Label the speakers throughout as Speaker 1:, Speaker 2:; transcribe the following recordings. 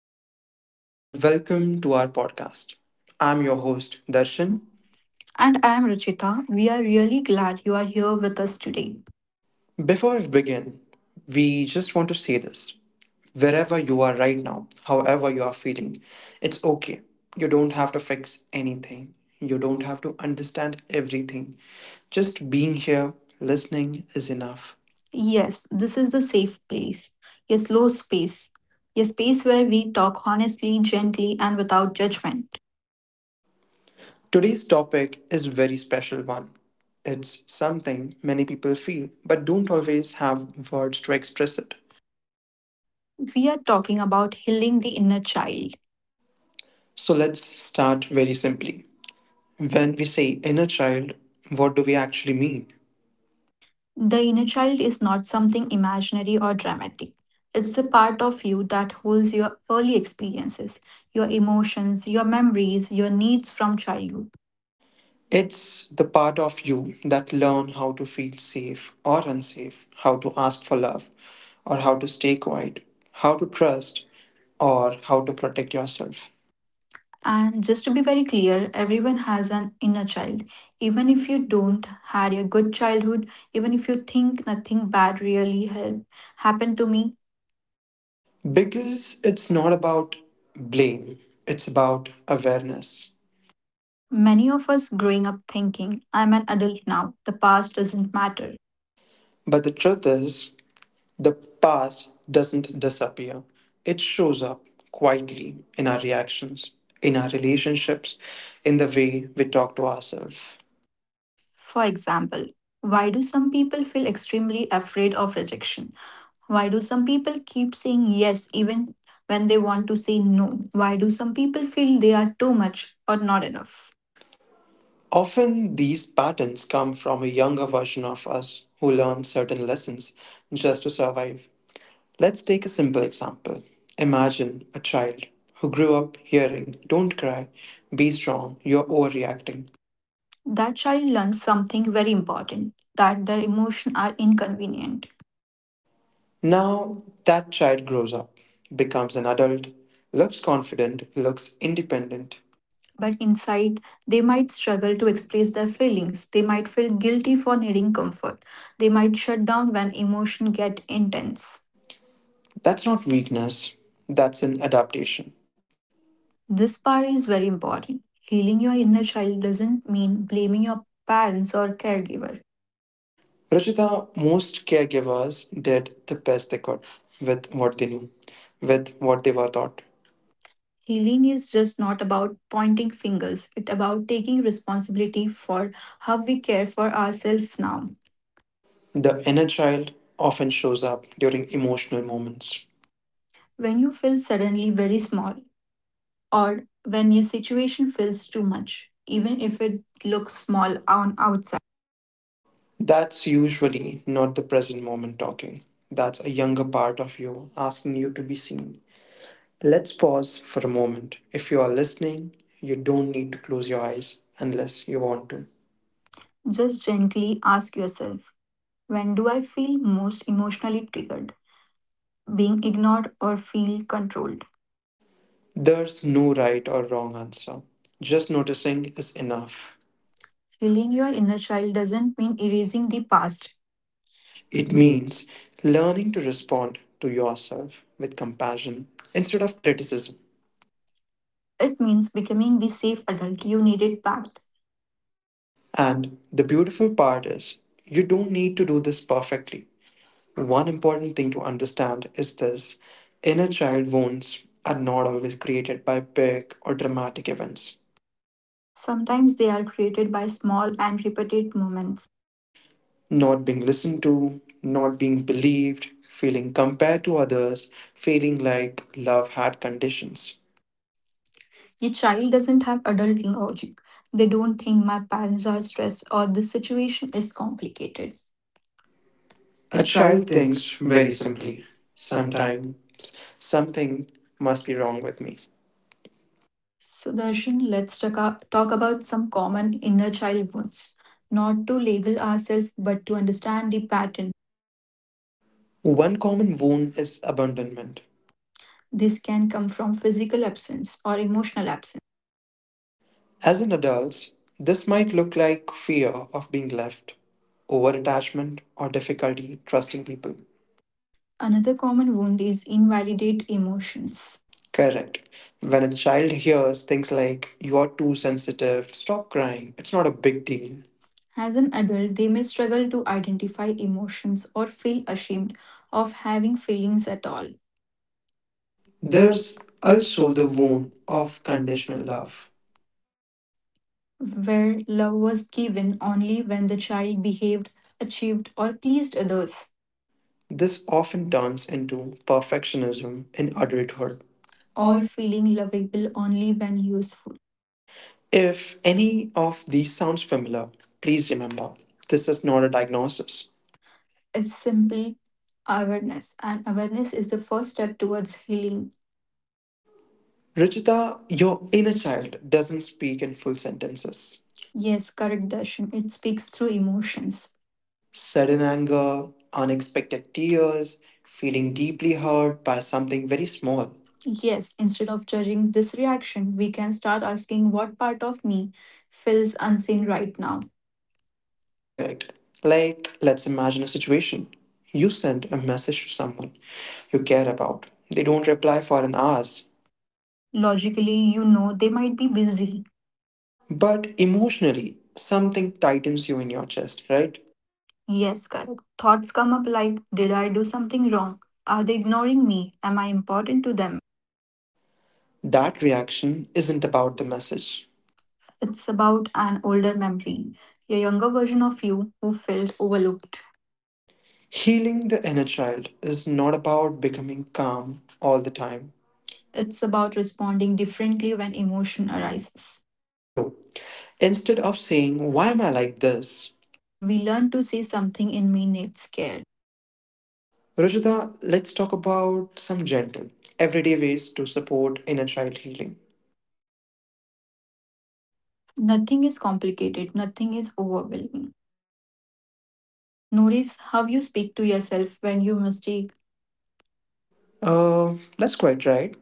Speaker 1: everyone, and welcome to our podcast. I'm your host, Darshan.
Speaker 2: And I am Rachita. We are really glad you are here with us today.
Speaker 1: Before we begin, we just want to say this: wherever you are right now, however you are feeling, it's okay. You don't have to fix anything, you don't have to understand everything. Just being here, listening is enough.
Speaker 2: Yes, this is the safe place, a slow space, a space where we talk honestly, gently, and without judgment.
Speaker 1: Today's topic is a very special one. It's something many people feel but don't always have words to express it.
Speaker 2: We are talking about healing the inner child.
Speaker 1: So let's start very simply. When we say inner child, what do we actually mean?
Speaker 2: The inner child is not something imaginary or dramatic. It's the part of you that holds your early experiences, your emotions, your memories, your needs from childhood.
Speaker 1: It's the part of you that learn how to feel safe or unsafe, how to ask for love or how to stay quiet, how to trust or how to protect yourself.
Speaker 2: And just to be very clear, everyone has an inner child. Even if you don't had a good childhood, even if you think nothing bad really help, happened to me,
Speaker 1: Because it's not about blame, it's about awareness.
Speaker 2: many of us growing up thinking, I'm an adult now, the past doesn't matter.
Speaker 1: But the truth is, the past doesn't disappear, it shows up quietly in our reactions, in our relationships, in the way we talk to ourselves.
Speaker 2: For example, why do some people feel extremely afraid of rejection? Why do some people keep saying yes even when they want to say no? Why do some people feel they are too much or not enough?
Speaker 1: Often, these patterns come from a younger version of us who learned certain lessons just to survive. Let's take a simple example. Imagine a child who grew up hearing, "Don't cry, be strong, you're overreacting."
Speaker 2: That child learns something very important that their emotions are inconvenient.
Speaker 1: Now that child grows up, becomes an adult, looks confident, looks independent.
Speaker 2: But inside, they might struggle to express their feelings. They might feel guilty for needing comfort. They might shut down when emotion get intense.
Speaker 1: That's not weakness, that's an adaptation.
Speaker 2: This part is very important. Healing your inner child doesn't mean blaming your parents or caregiver.
Speaker 1: Rajita, most caregivers did the best they could with what they knew, with what they were taught.
Speaker 2: Healing is just not about pointing fingers. It's about taking responsibility for how we care for ourselves now.
Speaker 1: The inner child often shows up during emotional moments.
Speaker 2: When you feel suddenly very small, or when your situation feels too much, even if it looks small on outside.
Speaker 1: That's usually not the present moment talking. That's a younger part of you asking you to be seen. Let's pause for a moment. If you are listening, you don't need to close your eyes unless you want to.
Speaker 2: Just gently ask yourself, when do I feel most emotionally triggered? Being ignored or feel controlled?
Speaker 1: There's no right or wrong answer. Just noticing is enough.
Speaker 2: Healing your inner child doesn't mean erasing the past. It
Speaker 1: It
Speaker 2: means
Speaker 1: means learning to respond to yourself with compassion instead of criticism.
Speaker 2: it means becoming the safe adult you needed back.
Speaker 1: And the beautiful part is, you don't need to do this perfectly. One important thing to understand is this: inner child wounds are not always created by big or dramatic events.
Speaker 2: Sometimes they are created by small and repeated moments.
Speaker 1: Not being listened to, not being believed, feeling compared to others, feeling like love had conditions.
Speaker 2: A child doesn't have adult logic. They don't think my parents are stressed or the situation is complicated. A
Speaker 1: A
Speaker 2: child
Speaker 1: child thinks
Speaker 2: thinks very
Speaker 1: very
Speaker 2: simply.
Speaker 1: simply:
Speaker 2: Sometimes
Speaker 1: sometimes something must be wrong with me.
Speaker 2: Sudarshan, let's talk about some common inner child wounds. Not to label ourselves, but to understand the pattern.
Speaker 1: One common wound is abandonment.
Speaker 2: This can come from physical absence or emotional absence.
Speaker 1: As an adult, this might look like fear of being left, over attachment, or difficulty trusting people.
Speaker 2: Another common wound is invalidate emotions.
Speaker 1: Correct. When a child hears things like, "You are too sensitive, stop crying, it's not a big deal,"
Speaker 2: As an adult, they may struggle to identify emotions or feel ashamed of having feelings at all. There's
Speaker 1: there's
Speaker 2: also
Speaker 1: also
Speaker 2: the
Speaker 1: the wound
Speaker 2: wound of
Speaker 1: of
Speaker 2: conditional
Speaker 1: conditional
Speaker 2: love,
Speaker 1: love.
Speaker 2: where love was given only when the child behaved, achieved, or pleased others,
Speaker 1: This often turns into perfectionism in adulthood.
Speaker 2: or
Speaker 1: All-
Speaker 2: feeling lovable only when useful.
Speaker 1: If any of these sounds familiar, please remember this is not a diagnosis.
Speaker 2: It's simple awareness, and awareness is the first step towards healing.
Speaker 1: Ruchita, your inner child doesn't speak in full sentences.
Speaker 2: Yes, correct, Darshan. It speaks through emotions.
Speaker 1: Sudden anger, unexpected tears, feeling deeply hurt by something very small.
Speaker 2: Yes, instead of judging this reaction, we can start asking what part of me feels unseen right now.
Speaker 1: Correct. Like, let's imagine a situation. You send a message to someone you care about. They don't reply for an hours,
Speaker 2: Logically, you know they might be busy.
Speaker 1: but emotionally, something tightens you in your chest, right?
Speaker 2: Yes, correct. Thoughts come up like, did I do something wrong? Are they ignoring me? Am I important to them?
Speaker 1: That reaction isn't about the message.
Speaker 2: It's about an older memory, a younger version of you who felt overlooked.
Speaker 1: Healing the inner child is not about becoming calm all the time.
Speaker 2: It's about responding differently when emotion arises.
Speaker 1: True. Instead of saying, "Why am I like this?"
Speaker 2: We learn to see something in me needs care.
Speaker 1: Rajita, let's talk about some gentle, everyday ways to support inner child healing.
Speaker 2: Nothing is complicated, nothing is overwhelming. Notice how you speak to yourself when you mistake.
Speaker 1: That's quite right.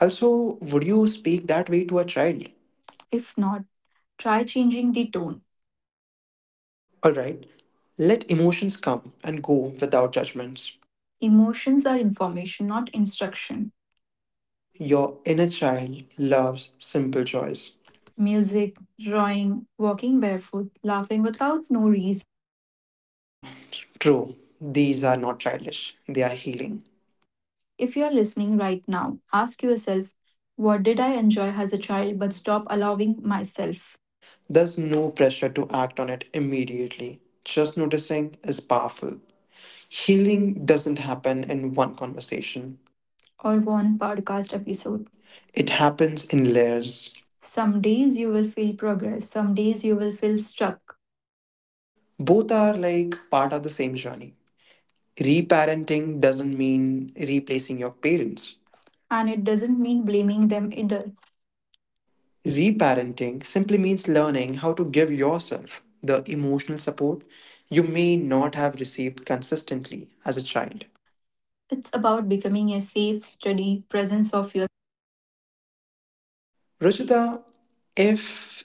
Speaker 1: Also, would you speak that way to a child?
Speaker 2: If not, try changing the tone.
Speaker 1: Alright, let emotions come and go without judgments.
Speaker 2: Emotions are information, not instruction.
Speaker 1: Your inner child loves simple joys.
Speaker 2: Music, drawing, walking barefoot, laughing without no reason.
Speaker 1: Ah, true. These are not childish, they are healing.
Speaker 2: If you are listening right now, ask yourself, what did I enjoy as a child but stop allowing myself?
Speaker 1: There's no pressure to act on it immediately. Just noticing is powerful. Healing doesn't happen in one conversation,
Speaker 2: Or one podcast episode.
Speaker 1: it happens in layers.
Speaker 2: Some days you will feel progress, some days you will feel stuck.
Speaker 1: Both are like part of the same journey. Reparenting doesn't mean replacing your parents.
Speaker 2: And it doesn't mean blaming them, it does.
Speaker 1: Reparenting simply means learning how to give yourself the emotional support you may not have received consistently as a child.
Speaker 2: It's about becoming a safe, steady presence of your
Speaker 1: Ruchita, if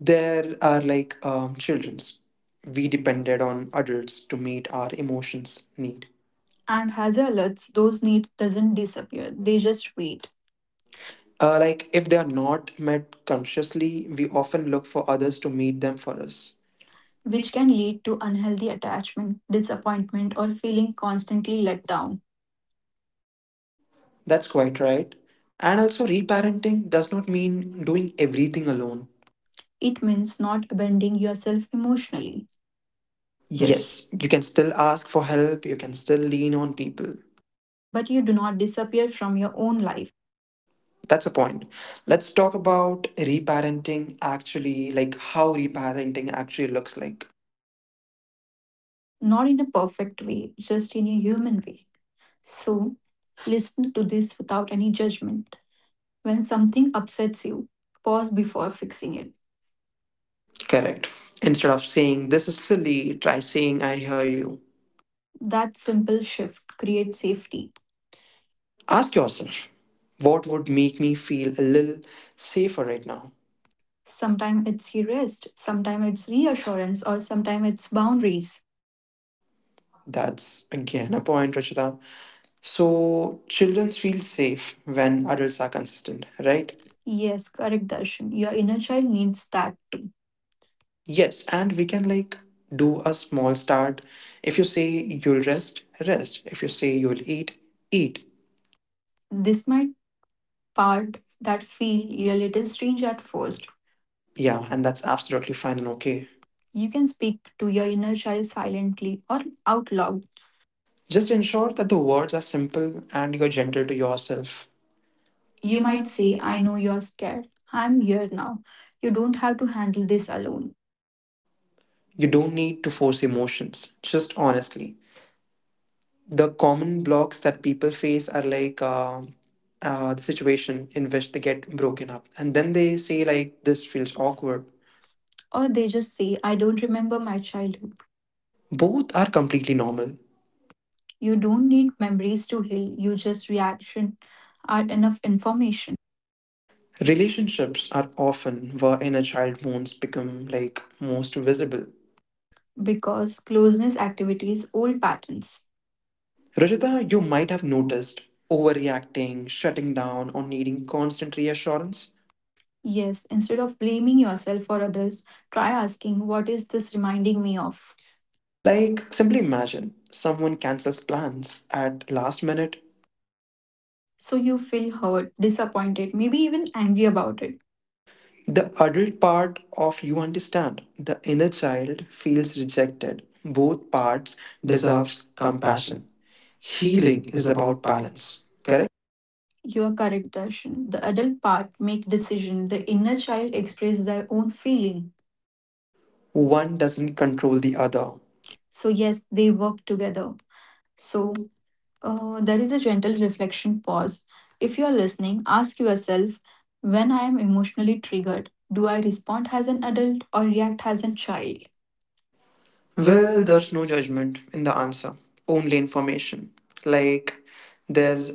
Speaker 1: there are like children's, we depended on adults to meet our emotions need.
Speaker 2: and as alerts, those need doesn't disappear. They just wait,
Speaker 1: Like if they are not met consciously, we often look for others to meet them for us.
Speaker 2: which can lead to unhealthy attachment, disappointment, or feeling constantly let down.
Speaker 1: That's quite right. And also, reparenting does not mean doing everything alone.
Speaker 2: It means not abandoning yourself emotionally. Yes.
Speaker 1: Yes, you can still ask for help, you can still lean on people.
Speaker 2: But you do not disappear from your own life,
Speaker 1: That's a point. Let's talk about reparenting actually, like how reparenting actually looks like.
Speaker 2: not in a perfect way, just in a human way. So, listen to this without any judgment. When something upsets you, pause before fixing it.
Speaker 1: Correct. Instead of saying, "This is silly," try saying, "I hear you."
Speaker 2: That simple shift creates safety.
Speaker 1: Ask yourself, what would make me feel a little safer right now?
Speaker 2: Sometimes it's your rest, sometimes it's reassurance, or sometimes it's boundaries.
Speaker 1: That's again a point, Rachita. So children feel safe when adults are consistent, right?
Speaker 2: Yes, correct, Darshan. Your inner child needs that too.
Speaker 1: Yes, and we can like do a small start. If you say you'll rest, rest. If you say you'll eat, eat.
Speaker 2: This might part that feel a little strange at first.
Speaker 1: Yeah, and that's absolutely fine and
Speaker 2: Okay.
Speaker 1: okay.
Speaker 2: You can speak to your inner child silently or out loud.
Speaker 1: Just ensure that the words are simple and you're gentle to yourself.
Speaker 2: You
Speaker 1: You
Speaker 2: might
Speaker 1: might
Speaker 2: say,
Speaker 1: say,
Speaker 2: I
Speaker 1: I.
Speaker 2: know you're scared. I'm here now. You don't have to handle this alone.
Speaker 1: You don't need to force emotions, just honestly. The common blocks that people face are like the situation in which they get broken up and then they say like this feels awkward.
Speaker 2: Or they just say, I don't remember my childhood.
Speaker 1: Both are completely normal.
Speaker 2: You don't need memories to heal, you just reaction are enough information
Speaker 1: Relationships are often where inner child wounds become like most visible.
Speaker 2: because closeness activities old patterns.
Speaker 1: Rajita, you might have noticed overreacting, shutting down, or needing constant reassurance.
Speaker 2: Yes, instead of blaming yourself or others, try asking, what is this reminding me of?
Speaker 1: Like simply imagine someone cancels plans at last minute.
Speaker 2: So you feel hurt, disappointed, maybe even angry about it.
Speaker 1: The adult part of you understand. The inner child feels rejected. Both parts
Speaker 2: Deserves
Speaker 1: deserves
Speaker 2: compassion.
Speaker 1: compassion.
Speaker 2: Healing
Speaker 1: Healing
Speaker 2: is
Speaker 1: is
Speaker 2: about
Speaker 1: about
Speaker 2: balance.
Speaker 1: balance, correct?
Speaker 2: You are correct, Darshan. The adult part make decision. The inner child express their own feeling.
Speaker 1: One doesn't control the other.
Speaker 2: So yes, they work together. So there is a gentle reflection pause. If you are listening, ask yourself when I am emotionally triggered, do I respond as an adult or react as a child? Well,
Speaker 1: Well,
Speaker 2: there's
Speaker 1: there's no judgment in the answer, only information. Like there's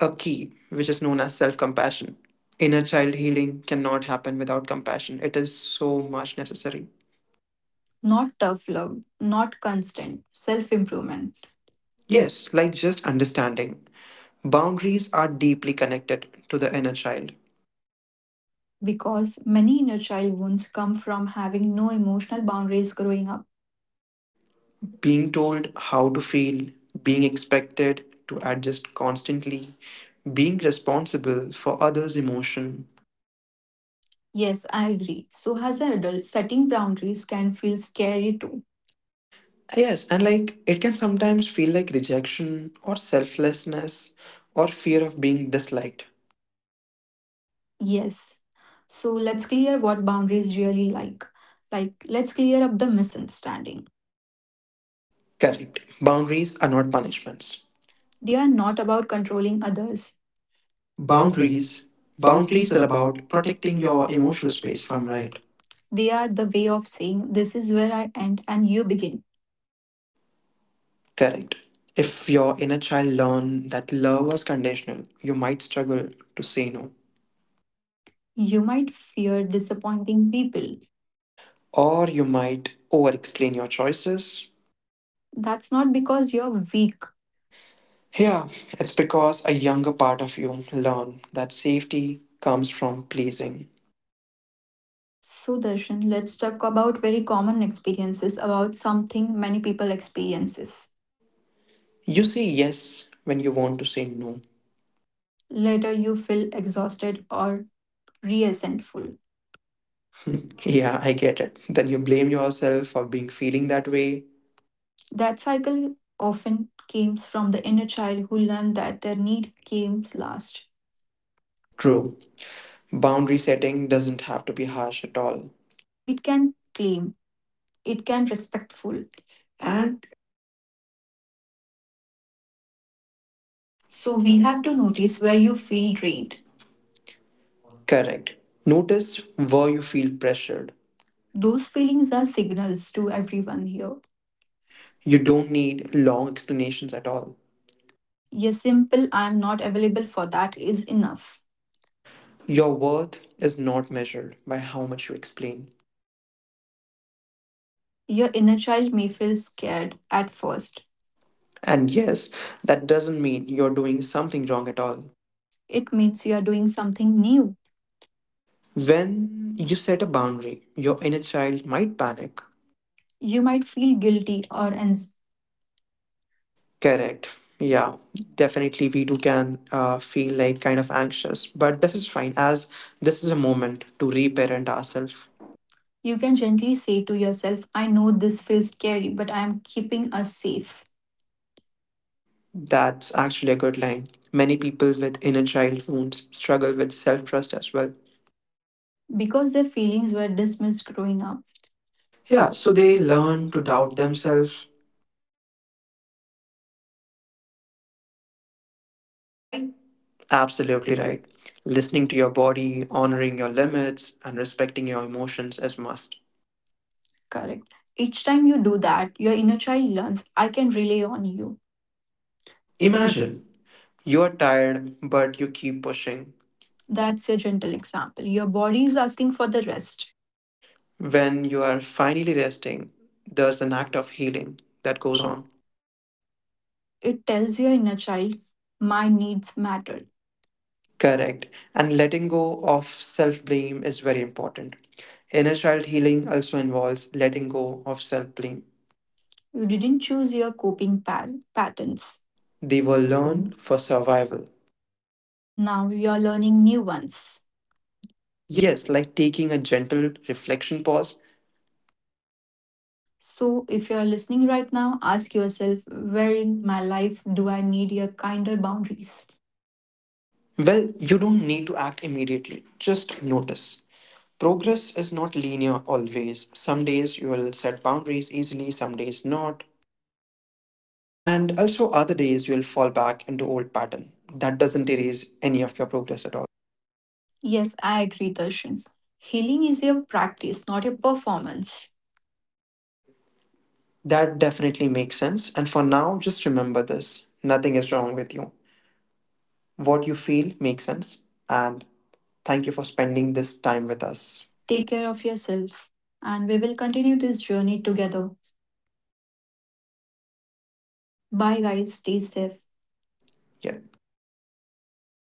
Speaker 1: a key which is known as self-compassion. Inner child healing cannot happen without compassion. It is so much necessary.
Speaker 2: not tough love, not constant self improvement. Yes,
Speaker 1: Yes, like just understanding. Boundaries are deeply connected to the inner child.
Speaker 2: because many inner child wounds come from having no emotional boundaries growing up.
Speaker 1: Being told how to feel, being expected to adjust constantly, being responsible for others' emotion.
Speaker 2: Yes, I agree. So, as an adult, setting boundaries can feel scary too.
Speaker 1: Yes, and like it can sometimes feel like rejection or selflessness or fear of being disliked.
Speaker 2: Yes. So let's clear what boundaries really like. Like, let's clear up the misunderstanding.
Speaker 1: Correct. Boundaries are not punishments.
Speaker 2: They are not about controlling others. Boundaries.
Speaker 1: Boundaries
Speaker 2: Boundaries
Speaker 1: boundaries
Speaker 2: are
Speaker 1: are
Speaker 2: about
Speaker 1: about
Speaker 2: protecting
Speaker 1: protecting
Speaker 2: your
Speaker 1: your
Speaker 2: emotional
Speaker 1: emotional
Speaker 2: space
Speaker 1: space, if
Speaker 2: from
Speaker 1: I'm
Speaker 2: right.
Speaker 1: right.
Speaker 2: They are the way of saying, this is where I end and you begin.
Speaker 1: Correct. If your inner child learned that love was conditional, you might struggle to say no,
Speaker 2: You might fear disappointing people.
Speaker 1: or you might over explain your choices.
Speaker 2: That's not because you're weak.
Speaker 1: Yeah, it's because a younger part of you learned that safety comes from pleasing.
Speaker 2: So, Darshan, let's talk about very common experiences about something many people experiences.
Speaker 1: You say yes when you want to say no.
Speaker 2: Later, you feel exhausted or resentful. Hmm.
Speaker 1: Yeah, I get it. Then you blame yourself for being feeling that way.
Speaker 2: That cycle often comes from the inner child who learned that their need came last. True.
Speaker 1: True. Boundary setting doesn't have to be harsh at all.
Speaker 2: It can claim, it can respectful. And
Speaker 1: So
Speaker 2: so we
Speaker 1: we have
Speaker 2: have
Speaker 1: to
Speaker 2: to notice
Speaker 1: notice where
Speaker 2: where you
Speaker 1: you feel
Speaker 2: feel
Speaker 1: drained,
Speaker 2: drained.
Speaker 1: correct? Notice where you feel pressured.
Speaker 2: Those feelings are signals to everyone here.
Speaker 1: You
Speaker 2: You d-
Speaker 1: don't need long explanations at all.
Speaker 2: your simple I am not available for that is enough.
Speaker 1: Your worth is not measured by how much you explain.
Speaker 2: Your inner child may feel scared at first.
Speaker 1: And yes, that doesn't mean you're doing something wrong at all.
Speaker 2: It means you are doing something new.
Speaker 1: When you set a boundary, your inner child might panic.
Speaker 2: You might feel guilty or ans-
Speaker 1: Correct. Yeah, definitely we do can feel like kind of anxious, but this is fine as this is a moment to reparent ourselves.
Speaker 2: you can gently say to yourself, I know this feels scary, but I am keeping us safe.
Speaker 1: That's actually a good line. Many people with inner child wounds struggle with self trust as well.
Speaker 2: Because their feelings were dismissed growing up. Yeah,
Speaker 1: Yeah,
Speaker 2: so
Speaker 1: so they
Speaker 2: they learn
Speaker 1: learn to
Speaker 2: to doubt
Speaker 1: doubt
Speaker 2: themselves.
Speaker 1: themselves. Right. Absolutely
Speaker 2: Absolutely right.
Speaker 1: right. Listening to your body, honoring your limits, and respecting your emotions is must.
Speaker 2: Correct. Each time you do that, your inner child learns, I can rely on you. Imagine
Speaker 1: Imagine you are tired, but you keep pushing. That-
Speaker 2: that's your gentle example. Your body is asking for the rest.
Speaker 1: When you are finally resting, there's an act of healing that
Speaker 2: Goes
Speaker 1: goes
Speaker 2: on.
Speaker 1: on.
Speaker 2: It tells your inner child, my needs matter.
Speaker 1: Correct. And letting go of self blame is very important. Inner child healing also involves letting go of self blame.
Speaker 2: You didn't choose your coping pa- patterns.
Speaker 1: They were
Speaker 2: Learn
Speaker 1: learned for survival.
Speaker 2: now you're learning new ones.
Speaker 1: Yes, like taking a gentle reflection pause.
Speaker 2: So, if you're listening right now, ask yourself where in my life do I need your kinder boundaries?
Speaker 1: Well, you don't need to act immediately, just notice. Progress is not linear always. Some days you will set boundaries easily, some days not. And also, other days you will fall back into old pattern. That doesn't erase any of your progress at all.
Speaker 2: Yes, I agree, Darshan. Healing is your practice, not your performance.
Speaker 1: That definitely makes sense. And for now, just remember this: nothing is wrong with you. What you feel makes sense. And thank you for spending this time with us.
Speaker 2: Take care of yourself, and we will continue this journey together. Bye, guys. Stay safe.
Speaker 1: Yeah.